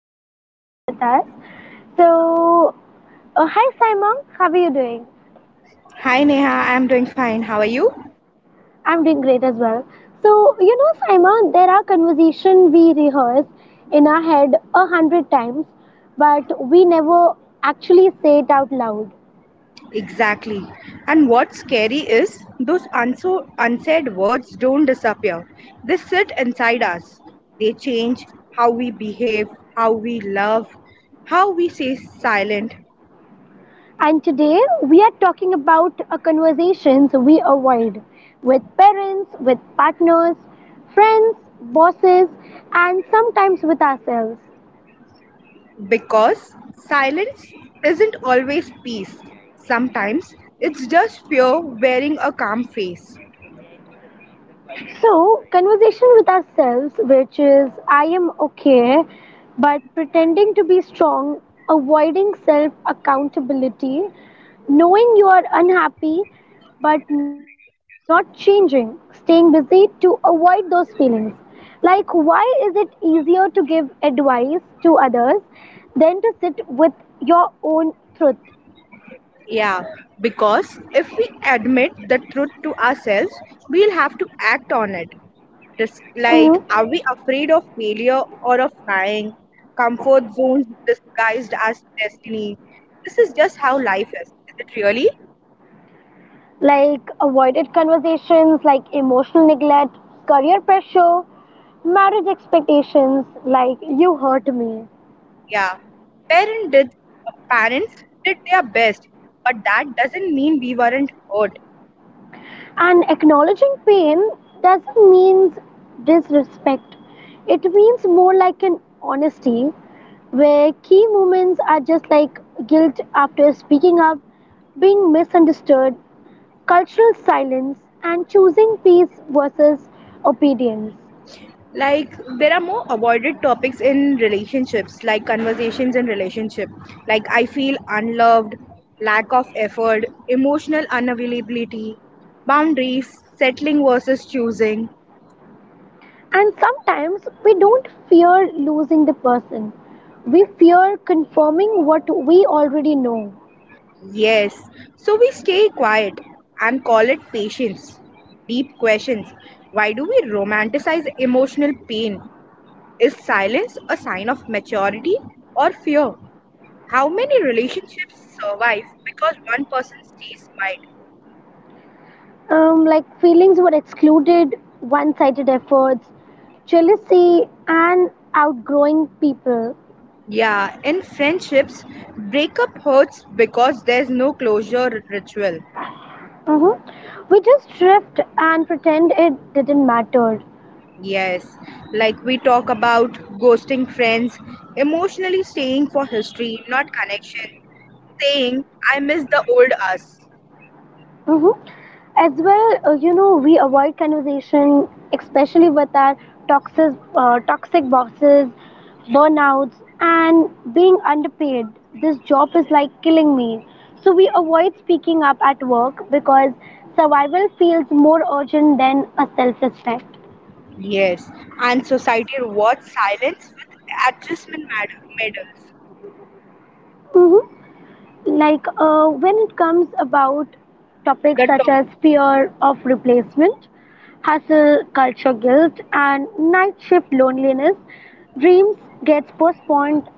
Saima as well with us. So, hi Saima, how are you doing? Hi Neha, I'm doing fine. How are you? I'm doing great as well. So, Saima, there are conversations we rehearse in our head a hundred times, but we never actually say it out loud. Exactly. And what's scary is those unsaid words don't disappear. They sit inside us. They change how we behave, how we love, how we say silent. And today we are talking about a conversations we avoid with parents, with partners, friends, bosses, and sometimes with ourselves. Because silence isn't always peace. Sometimes it's just fear wearing a calm face. So, conversation with ourselves, which is I am okay, but pretending to be strong, avoiding self accountability, knowing you are unhappy but not changing, staying busy to avoid those feelings. Like, why is it easier to give advice to others than to sit with your own truth? Yeah, because if we admit the truth to ourselves, we'll have to act on it. Just Mhm. like, are we afraid of failure or of trying? Comfort zones disguised as destiny. This is just how life is. Is it really? Like avoided conversations, like emotional neglect, career pressure, marriage expectations, like you hurt me. Yeah. Parent did, parents did their best, but that doesn't mean we weren't hurt. And acknowledging pain doesn't mean disrespect, it means more like an honesty where key moments are just like guilt after speaking up, being misunderstood, cultural silence, and choosing peace versus obedience. Like, there are more avoided topics in relationships, like conversations in relationship. Like, I feel unloved, lack of effort, emotional unavailability, boundaries, settling versus choosing. And sometimes we don't fear losing the person. We fear confirming what we already know. Yes, so we stay quiet and call it patience. Deep questions. Why do we romanticize emotional pain? Is silence a sign of maturity or fear? How many relationships survive because one person stays quiet? Like feelings were excluded, one sided efforts, jealousy, and outgrowing people. Yeah, in friendships, breakup hurts because there's no closure ritual. Mhm. We just drift and pretend it didn't matter. Yes, like we talk about ghosting friends, emotionally staying for history, not connection, saying, I miss the old us. Hmm. As well, we avoid conversation, especially with our toxic, toxic bosses, burnouts, and being underpaid. This job is like killing me. So we avoid speaking up at work because survival feels more urgent than a self-respect. Yes, and society rewards silence with adjustment medals. Mhm. Like when it comes about topics The such as topics. fear of replacement, hustle culture guilt, and night shift loneliness, dreams gets postponed,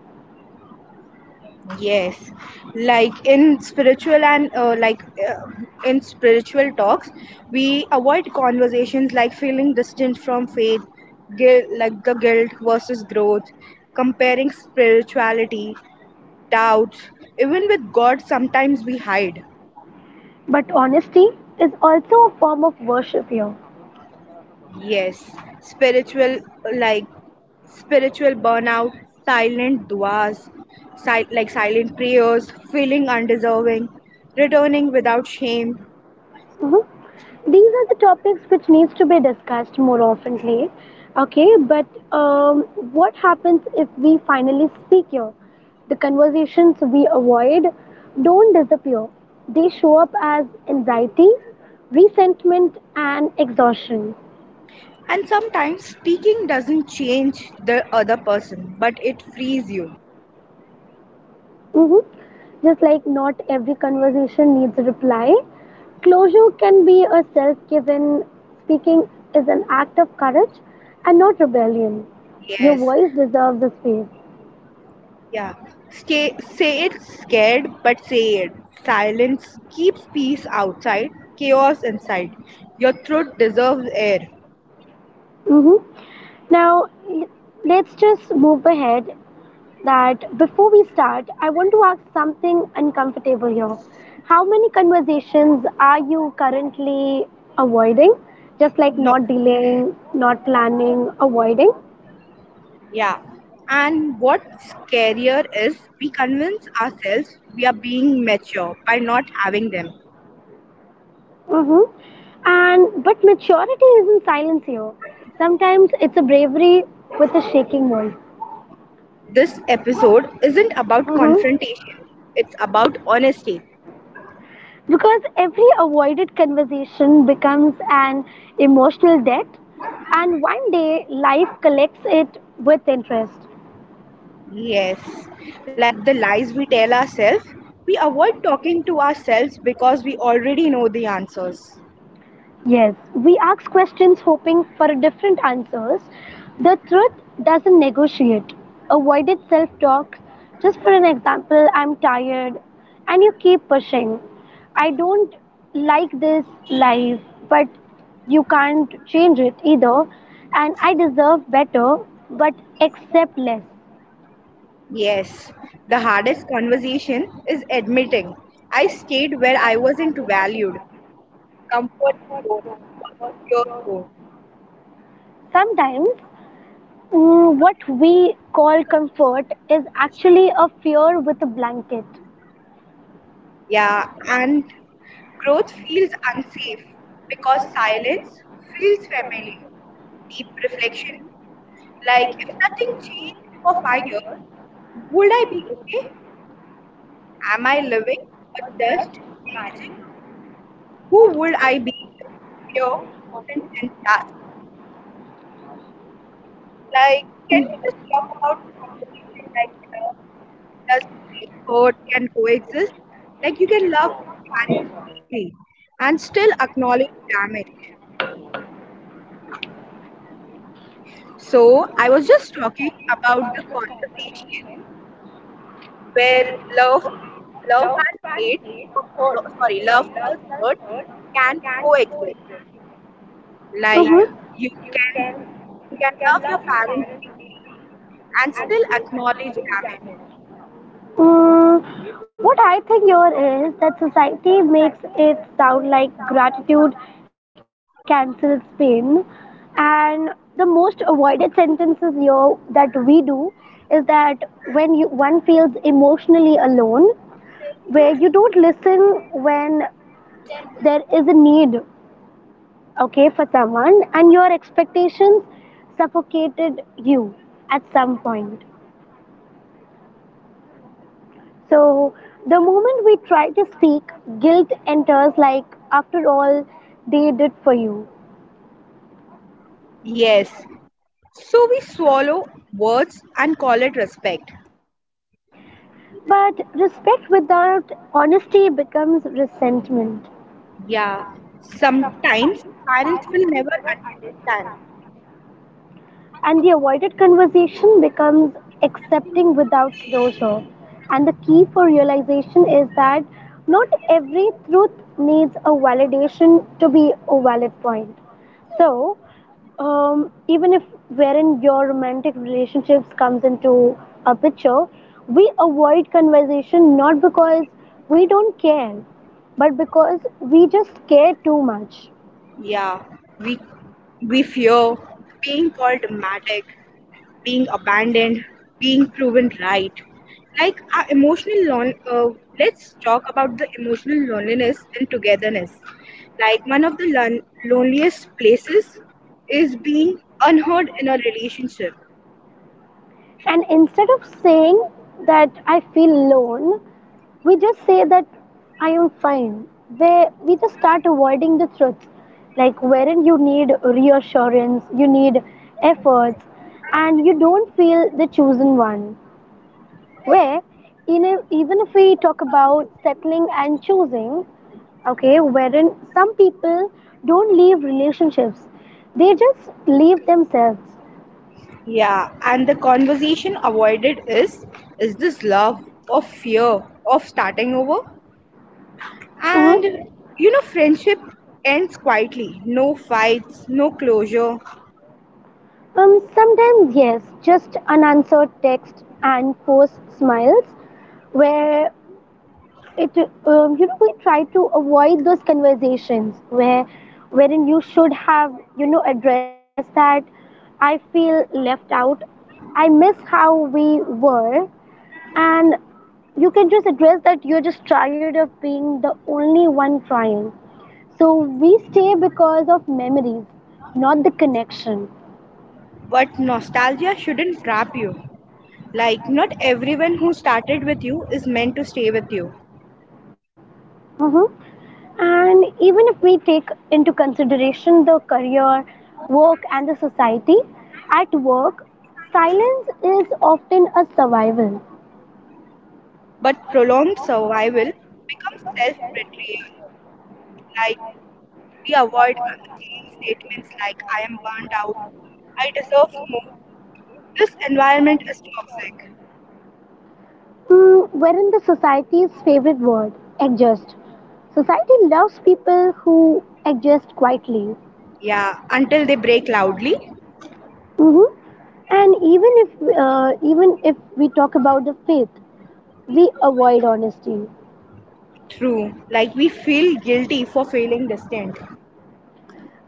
Yes, like uh, in spiritual talks, we avoid conversations like feeling distant from faith, guilt, like the guilt versus growth, comparing spirituality, doubts, even with God. Sometimes we hide. but honesty is also a form of worship here. Yes, spiritual like spiritual burnout, silent duas, silent prayers, feeling undeserving, returning without shame. Mhm. These are the topics which needs to be discussed more oftenly. Okay, but um, what happens if we finally speak here? The conversations we avoid don't disappear. They show up as anxiety, resentment, and exhaustion. And sometimes speaking doesn't change the other person, but it frees you. Mhm. Just like not every conversation needs a reply, closure can be a self given speaking is an act of courage and not rebellion. Your Yes, voice deserves a space. yeah. Stay, say it scared, but say it. Silence keeps peace outside, chaos inside. Your throat deserves air. hmm Now, let's just move ahead. That before we start, I want to ask something uncomfortable here. How many conversations are you currently avoiding? Just like No, not delaying, not planning, avoiding. yeah. And what's scarier is we convince ourselves we are being mature by not having them. Mm-hmm. And but maturity isn't silence here. Sometimes it's a bravery with a shaking voice. This episode isn't about Mm-hmm. confrontation, it's about honesty. Because every avoided conversation becomes an emotional debt, and one day life collects it with interest. Yes, like the lies we tell ourselves, we avoid talking to ourselves because we already know the answers. Yes, we ask questions hoping for a different answers. The truth doesn't negotiate. Avoided self talk. Just for an example, I'm tired, and you keep pushing. I don't like this life, but you can't change it either. And I deserve better, but accept less. Yes, the hardest conversation is admitting I stayed where I wasn't valued. Comfort zone versus fear zone. Sometimes, what we call comfort is actually a fear with a blanket. Yeah, and growth feels unsafe because silence feels familiar. Deep reflection like, if nothing changed for 5 years, would I be okay? Am I living or just managing? Who would I be if fear wasn't in charge? Like, can we just talk about the conversation like love plus hurt can coexist? Like, you can love your parents deeply and still acknowledge damage. So, I was just talking about the conversations where love love and hate hurts lo- sorry love plus hurt can coexist, Like, like Mm-hmm. you can you can love your parents deeply and still acknowledge damage. Mm, what I think here is that society makes it sound like gratitude cancels pain, and the most avoided sentences here that we do is that when you one feels emotionally alone, where you don't listen when there is a need, okay, for someone and your expectations suffocated you at some point. So the moment we try to speak, guilt enters, like after all they did for you, Yes, so we swallow words and call it respect. but respect without honesty becomes resentment. Yeah, sometimes parents will never understand. And the avoided conversation becomes accepting without closure. And the key for realization is that not every truth needs a validation to be a valid point. So, even if wherein your romantic relationships comes into a picture, we avoid conversation not because we don't care, but because we just care too much. Yeah, we we fear being called dramatic, being abandoned, being proven right. Like our emotional lon- uh, let's talk about the emotional loneliness and togetherness. Like one of the loneliest places is being unheard in a relationship. And instead of saying that I feel alone, we just say that I am fine. Where we just start avoiding the truth, like wherein you need reassurance, you need efforts, and you don't feel the chosen one. Where in a, even if we talk about settling and choosing, okay, wherein some people don't leave relationships, they just leave themselves. Yeah, and the conversation avoided is this love or fear of starting over? And Mhm. you know, friendship ends quietly. No fights, no closure. Sometimes yes, just unanswered text and forced smiles, where it we try to avoid those conversations where wherein you should have addressed that I feel left out, I miss how we were, and you can just address that you're just tired of being the only one trying. So we stay because of memories, not the connection. But nostalgia shouldn't trap you. Like, not everyone who started with you is meant to stay with you, Mm-hmm. And even if we take into consideration the career, work, and the society, at work, silence is often a survival. but prolonged survival becomes self betrayal. Like, we avoid saying statements like, I am burnt out, I deserve more. This environment is toxic. Wherein the society's favorite word, adjust. Society loves people who adjust quietly. Yeah, until they break loudly. hmm And even if we talk about the faith, we avoid honesty. True. Like, we feel guilty for feeling distant.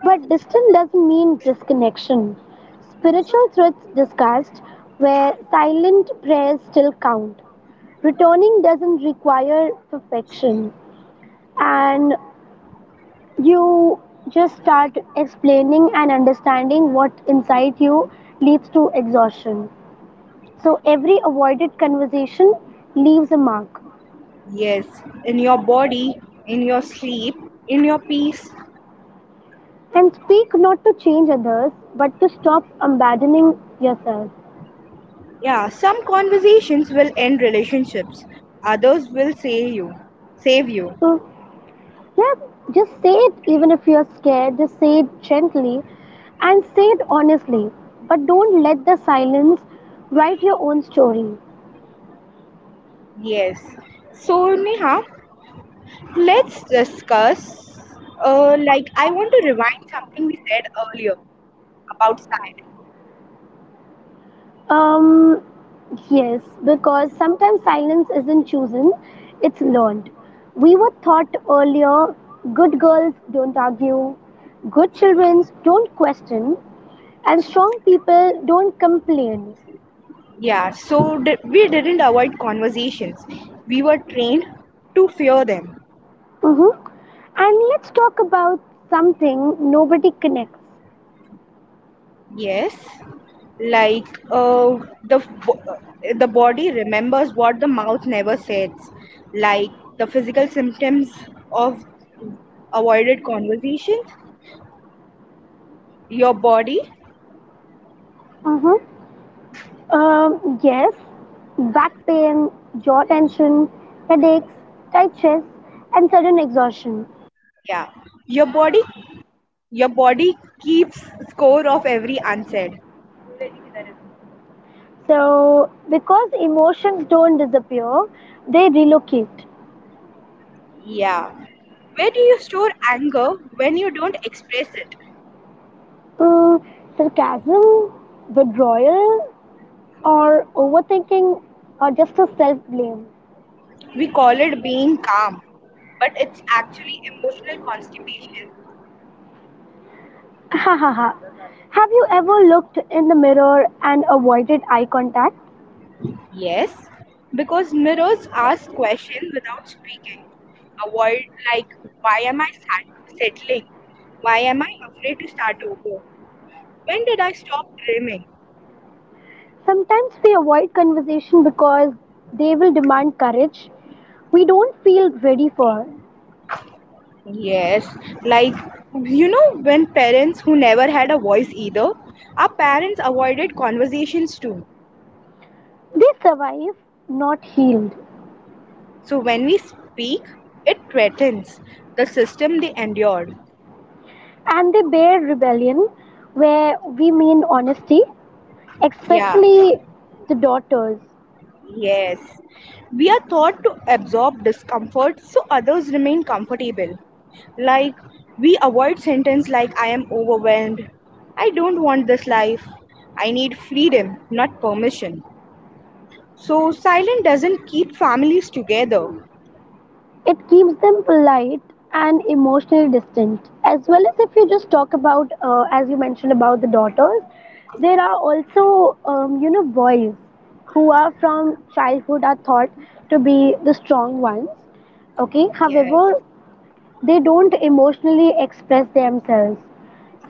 But distant doesn't mean disconnection. Spiritual truths discussed where silent prayers still count. Returning doesn't require perfection. And you just start explaining and understanding what inside you leads to exhaustion. So every avoided conversation leaves a mark. Yes, in your body, in your sleep, in your peace. And speak not to change others, but to stop abandoning yourself. Yeah, some conversations will end relationships. Others will save you. Save you. So, yeah, just say it even if you're scared, just say it gently and say it honestly. But don't let the silence write your own story. Yes. So Neha, let's discuss. Like I want to rewind something we said earlier about side. Um, yes, because sometimes silence isn't chosen, it's learned. We were taught earlier good girls don't argue, good children don't question, and strong people don't complain. Yeah. So we didn't avoid conversations. We were trained to fear them. Mm-hmm. And let's talk about something nobody connects. Yes. Like uh, the the body remembers what the mouth never says, like the physical symptoms of avoided conversations, your body. Mm-hmm. Yes, back pain, jaw tension, headaches, tight chest, and sudden exhaustion. Yeah, your body your body keeps score of every unsaid. So, because emotions don't disappear, they relocate. Yeah, where do you store anger when you don't express it? Mm, Sarcasm, withdrawal, or overthinking, or just a self blame. We call it being calm, but it's actually emotional constipation. Ha ha ha. Have you ever looked in the mirror and avoided eye contact? Yes, because mirrors ask questions without speaking. Avoid, like, why am I settling? Why am I afraid to start over? When did I stop dreaming? Sometimes we avoid conversation because they will demand courage we don't feel ready for. Yes, like, when parents who never had a voice either, our parents avoided conversations too. They survive, not healed. So when we speak, it threatens the system they endured. And they bear rebellion where we mean honesty, Yeah. especially the daughters. Yes, we are taught to absorb discomfort so others remain comfortable. Like, we avoid sentence like, I am overwhelmed, I don't want this life, I need freedom, not permission. So, silence doesn't keep families together. It keeps them polite and emotionally distant. As well as if you just talk about, as you mentioned about the daughters, there are also, boys who are from childhood are thought to be the strong ones. Okay, however, Yes, they don't emotionally express themselves.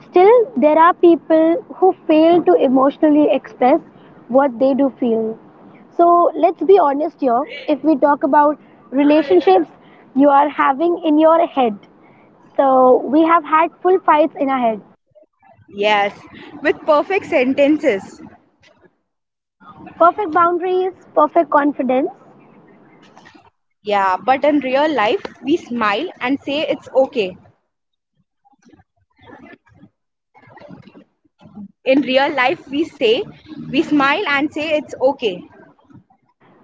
Still, there are people who fail to emotionally express what they do feel. So let's be honest here. If we talk about relationships you are having in your head, so we have had full fights in our head. yes, with perfect sentences. Perfect boundaries, perfect confidence. Yeah, but in real life, we smile and say it's okay. In real life, we smile and say it's okay.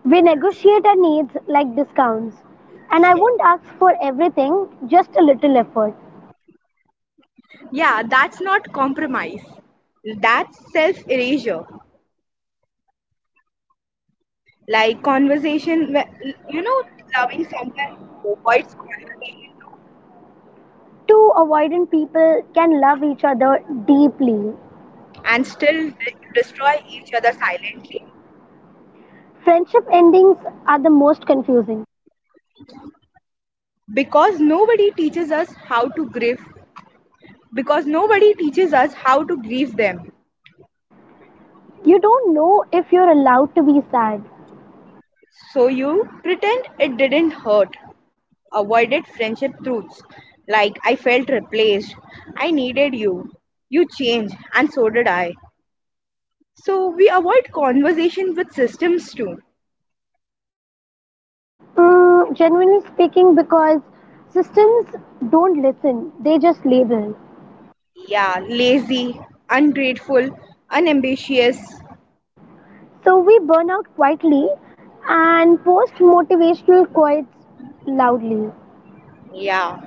We negotiate our needs like discounts. And I won't ask for everything, just a little effort. Yeah, that's not compromise. That's self erasure. Like conversation, you know, loving someone who avoids conversation too, Two avoidant people can love each other deeply. and still destroy each other silently, Friendship endings are the most confusing. because nobody teaches us how to grieve, because nobody teaches us how to grieve them. You don't know if you're allowed to be sad. So you pretend it didn't hurt, avoided friendship truths like I felt replaced, I needed you, you changed, and so did I. So we avoid conversation with systems too. Generally speaking, because systems don't listen, they just label. Yeah, lazy, ungrateful, unambitious. So we burn out quietly and post motivational quotes loudly. Yeah.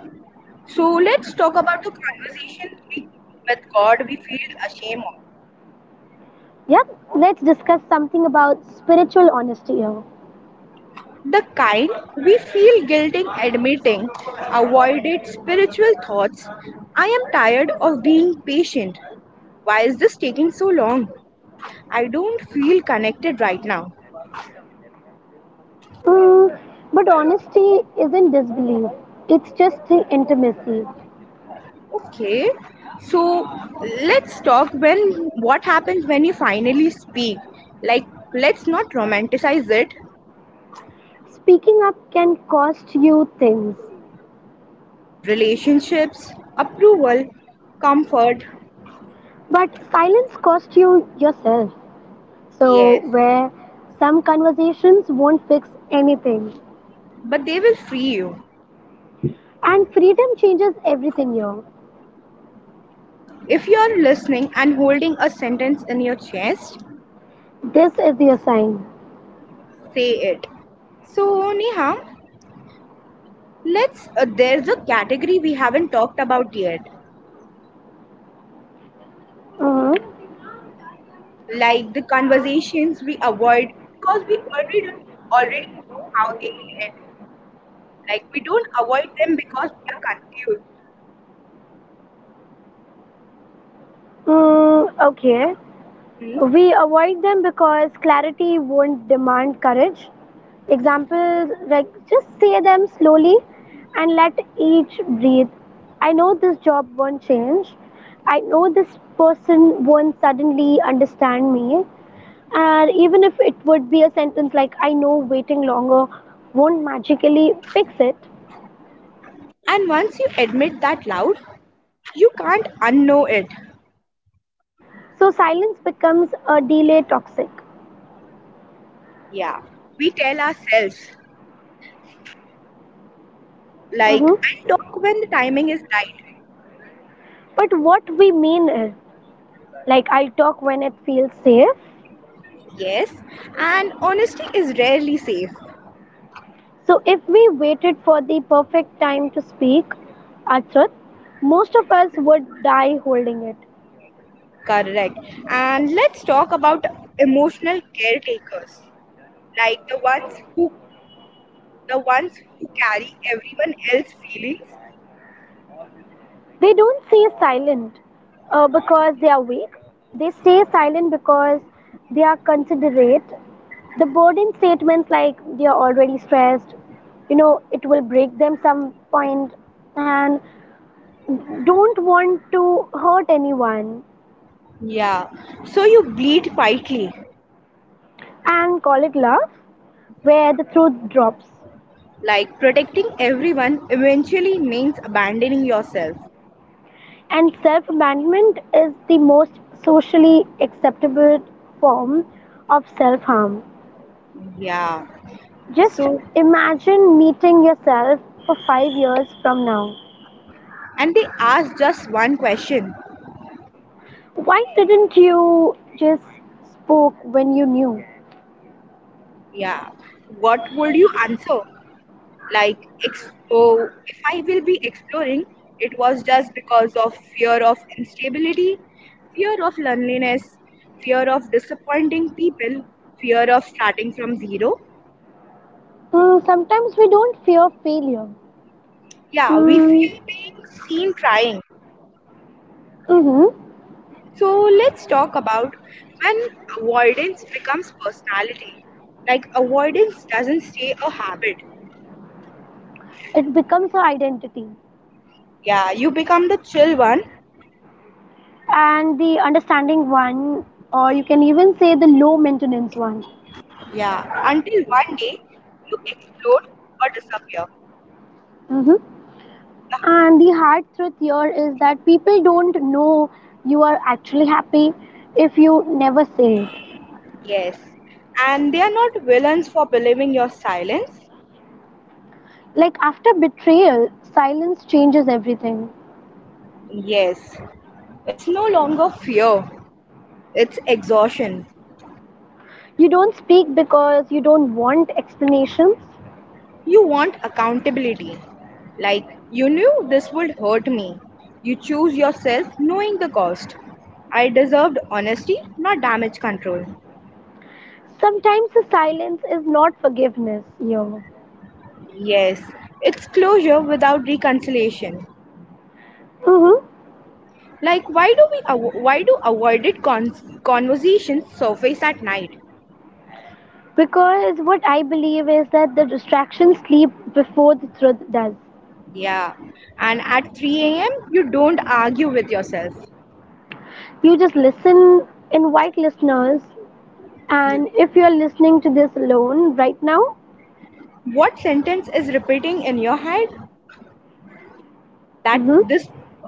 So let's talk about the conversation we with God we feel ashamed of. Yep, let's discuss something about spiritual honesty here. The kind we feel guilty admitting, avoided spiritual thoughts. I am tired of being patient. Why is this taking so long? I don't feel connected right now. Mm, but honesty isn't disbelief, it's just the intimacy. Okay, so let's talk when what happens when you finally speak. Like, let's not romanticize it. Speaking up can cost you things, Relationships, approval, comfort, but silence costs you yourself. So, yes, where some conversations won't fix anything. but they will free you. And freedom changes everything here. If you are listening and holding a sentence in your chest, This is your sign. say it. So, Neha, let's. There's a category we haven't talked about yet, hmm like the conversations we avoid because we already don't, already know how they'll end. Like we don't avoid them because we are confused, Mm, we a- okay. Hmm. We avoid them because clarity won't demand courage. Examples like just say them slowly and let each breathe. I know this job won't change. I know this person won't suddenly understand me. And even if it would be a sentence like, I know waiting longer won't magically fix it. And once you admit that loud, you can't unknow it. So silence becomes a delay toxic. Yeah, we tell ourselves like, Mhm. I'll talk when the timing is right. But what we mean is, like, I'll talk when it feels safe. Yes, and honesty is rarely safe. So if we waited for the perfect time to speak our truth, most of us would die holding it. Correct. And let's talk about emotional caretakers, like the ones who carry everyone else's feelings. They don't stay silent, because they are weak. They stay silent because they are considerate. The burden statements like they are already stressed, it will break them some point and don't want to hurt anyone Yeah, so you bleed quietly. and call it love where the truth drops. Like protecting everyone eventually means abandoning yourself. And self management is the most socially acceptable form of self harm. Yeah. Just So, imagine meeting yourself for 5 years from now. and they ask just one question. Why didn't you just spoke when you knew? Yeah. What would you answer? Like, if I will be exploring, it was just because of fear of instability, fear of loneliness, fear of disappointing people, fear of starting from zero. Sometimes we don't fear failure. Yeah, we Mm, fear being seen trying. hmm, mm-hmm. So let's talk about when avoidance becomes personality. Like avoidance doesn't stay a habit. It becomes our identity. Yeah, you become the chill one. And the understanding one, or you can even say the low maintenance one. Yeah, until one day you explode or disappear. hmm The And the hard truth here is that people don't know you are actually happy if you never say it. Yes, and they are not villains for believing your silence. Like after betrayal, silence changes everything. Yes, it's no longer fear. It's exhaustion. You don't speak because you don't want explanations. You want accountability. Like, you knew this would hurt me. You choose yourself knowing the cost. I deserved honesty, not damage control. Sometimes the silence is not forgiveness, yo. Yes, it's closure without reconciliation. Mm-hmm. Like, why do avoided conversations surface at night? Because what I believe is that the distractions sleep before the truth does. Yeah, and at 3 a.m. you don't argue with yourself. You just listen, invite listeners, and if you're listening to this alone right now, What sentence is repeating in your head? That mm-hmm, this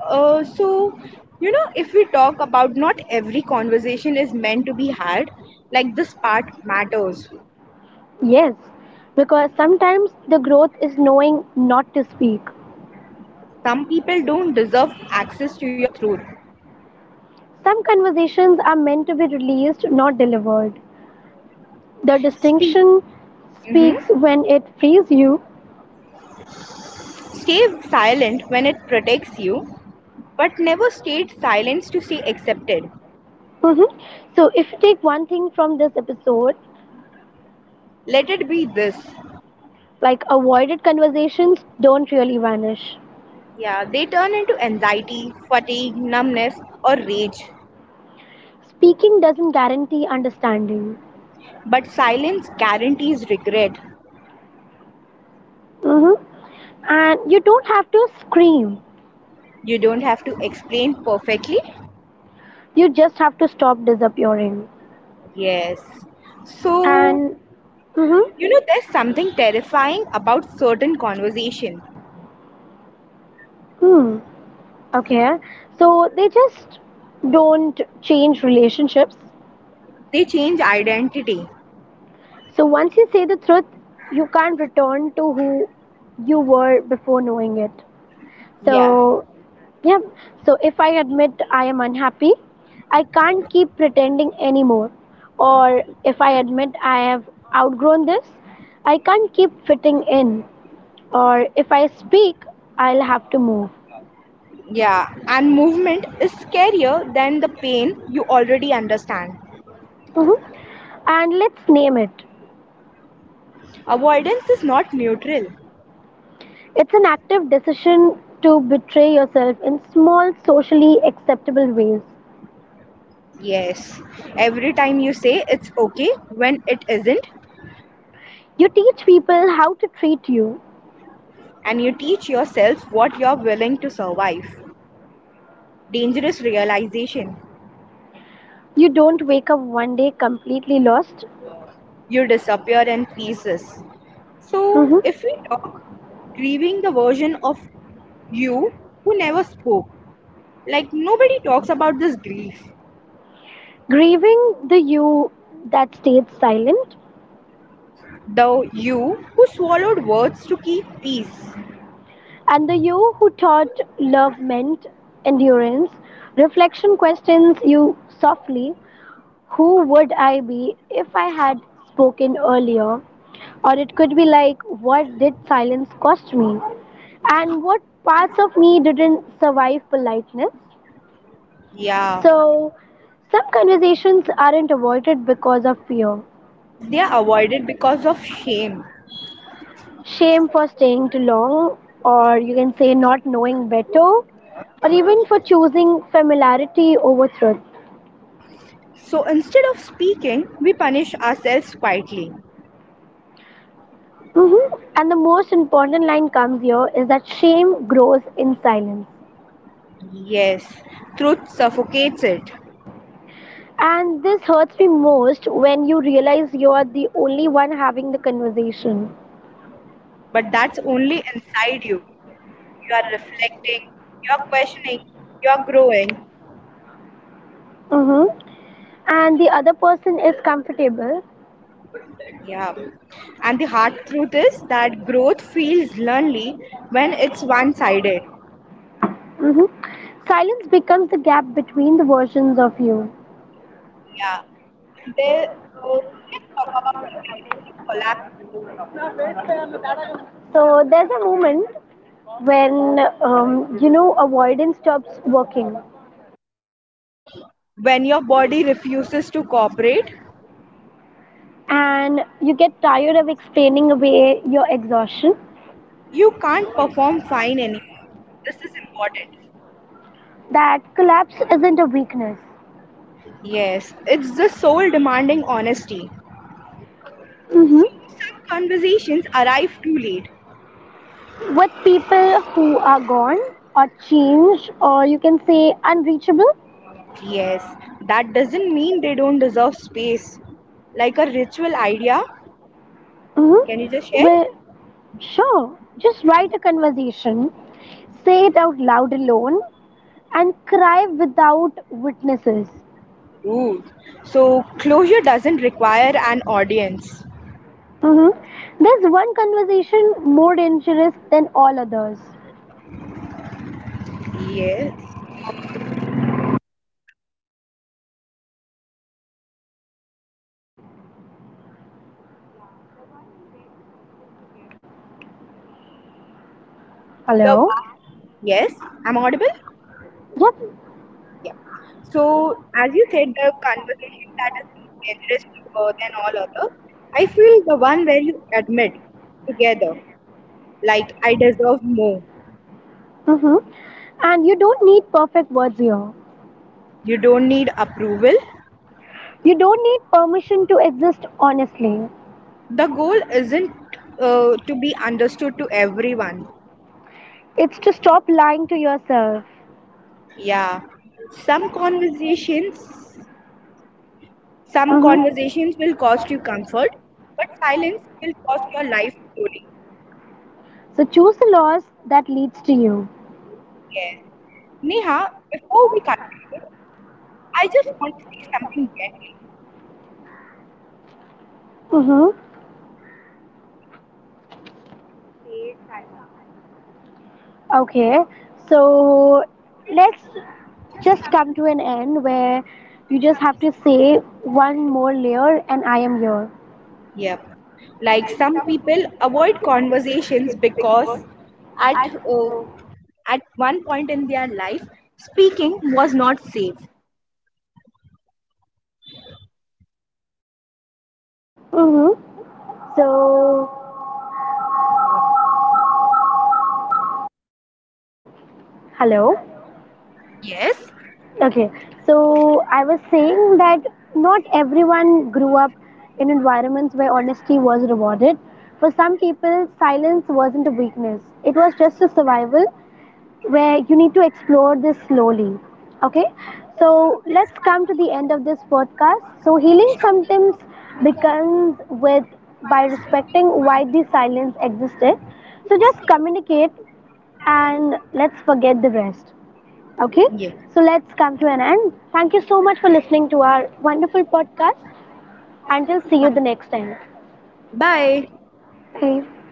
so if we talk about not every conversation is meant to be had, like this part matters. yes, because sometimes the growth is knowing not to speak. Some people don't deserve access to your truth. Some conversations are meant to be released, not delivered. The Speak. distinction Hmm. speaks when it frees you. Stay silent when it protects you, but never state silence to stay accepted. Mhm. So, if you take one thing from this episode, Let it be this. like avoided conversations don't really vanish. Yeah, they turn into anxiety, fatigue, numbness, or rage. Speaking doesn't guarantee understanding. But silence guarantees regret. hmm And you don't have to scream, You don't have to explain perfectly. you just have to stop disappearing. Yes. So, And, hmm there's something terrifying about certain conversation. hmm, okay, so they just don't change relationships. They change identity. So once you say the truth, you can't return to who you were before knowing it. Yeah. So, yeah. So if I admit I am unhappy, I can't keep pretending anymore. Or if I admit I have outgrown this, I can't keep fitting in. Or if I speak, I'll have to move. Yeah. And movement is scarier than the pain you already understand. hmm And let's name it. Avoidance is not neutral. It's an active decision to betray yourself in small, socially acceptable ways. Yes. Every time you say it's okay when it isn't, You teach people how to treat you. and you teach yourself what you're willing to survive. Dangerous realization. You don't wake up one day completely lost. You disappear in pieces. So, Mhm. if we talk grieving the version of you who never spoke, like nobody talks about this grief. Grieving the you that stayed silent The you who swallowed words to keep peace. and the you who taught love meant endurance. Reflection questions you softly. Who would I be if I had spoken earlier? Or it could be like, what did silence cost me? And what parts of me didn't survive politeness? Yeah, So, some conversations aren't avoided because of fear. they are avoided because of shame. Shame for staying too long, or you can say not knowing better, or even for choosing familiarity over truth. So instead of speaking, we punish ourselves quietly. And the most important line comes here is that shame grows in silence. Yes, truth suffocates it, And this hurts me most when you realize you are the only one having the conversation. but that's only inside you. You are reflecting, you are questioning, you are growing. Mm-hmm. And the other person is comfortable. Yeah. And the hard truth is that growth feels lonely when it's one sided. hmm Silence becomes the gap between the versions of you. Yeah. So, let's talk about the identity collapse moment. So there's a moment when avoidance stops working, When your body refuses to cooperate, and you get tired of explaining away your exhaustion. you can't perform fine anymore. This is important. That collapse isn't a weakness. Yes, it's the soul demanding honesty. hmm So some conversations arrive too late. With people who are gone or changed, or you can say unreachable. Yes, that doesn't mean they don't deserve space. Like a ritual idea. Can you just hmm share? well, sure, just write a conversation, say it out loud alone, and cry without witnesses. Ooh. So closure doesn't require an audience. Mm-hmm. There's one conversation more dangerous than all others. Yes. The Hello. one, yes, I'm audible. Yep. Yeah. So as you said, the conversation that is more dangerous than all others. I feel the one where you admit together, like I deserve more. Mm-hmm. And you don't need perfect words here. You don't need approval. You don't need permission to exist honestly. The goal isn't to be understood to everyone. It's to stop lying to yourself. Yeah. Some conversations Some Mm-hmm. conversations will cost you comfort, but silence will cost your life slowly. So choose the laws that leads to you. Yes. Neha, before we conclude, I just want to say something gently. Mm-hmm. Okay, so let's just come to an end where you just have to say one more layer and I am here. Yep. Like some people avoid conversations because at uh, at one point in their life speaking was not safe. Mm-hmm. So, hello. Yes. Okay, so I was saying that not everyone grew up in environments where honesty was rewarded. For some people, silence wasn't a weakness, it was just a survival where you need to explore this slowly. Okay, so let's come to the end of this podcast. So, healing Sure. sometimes begins with by respecting why the silence existed. So, just communicate and let's forget the rest. Okay, Yeah. so let's come to an end. Thank you so much for listening to our wonderful podcast. Until see you Huh. the next time. Bye. Bye.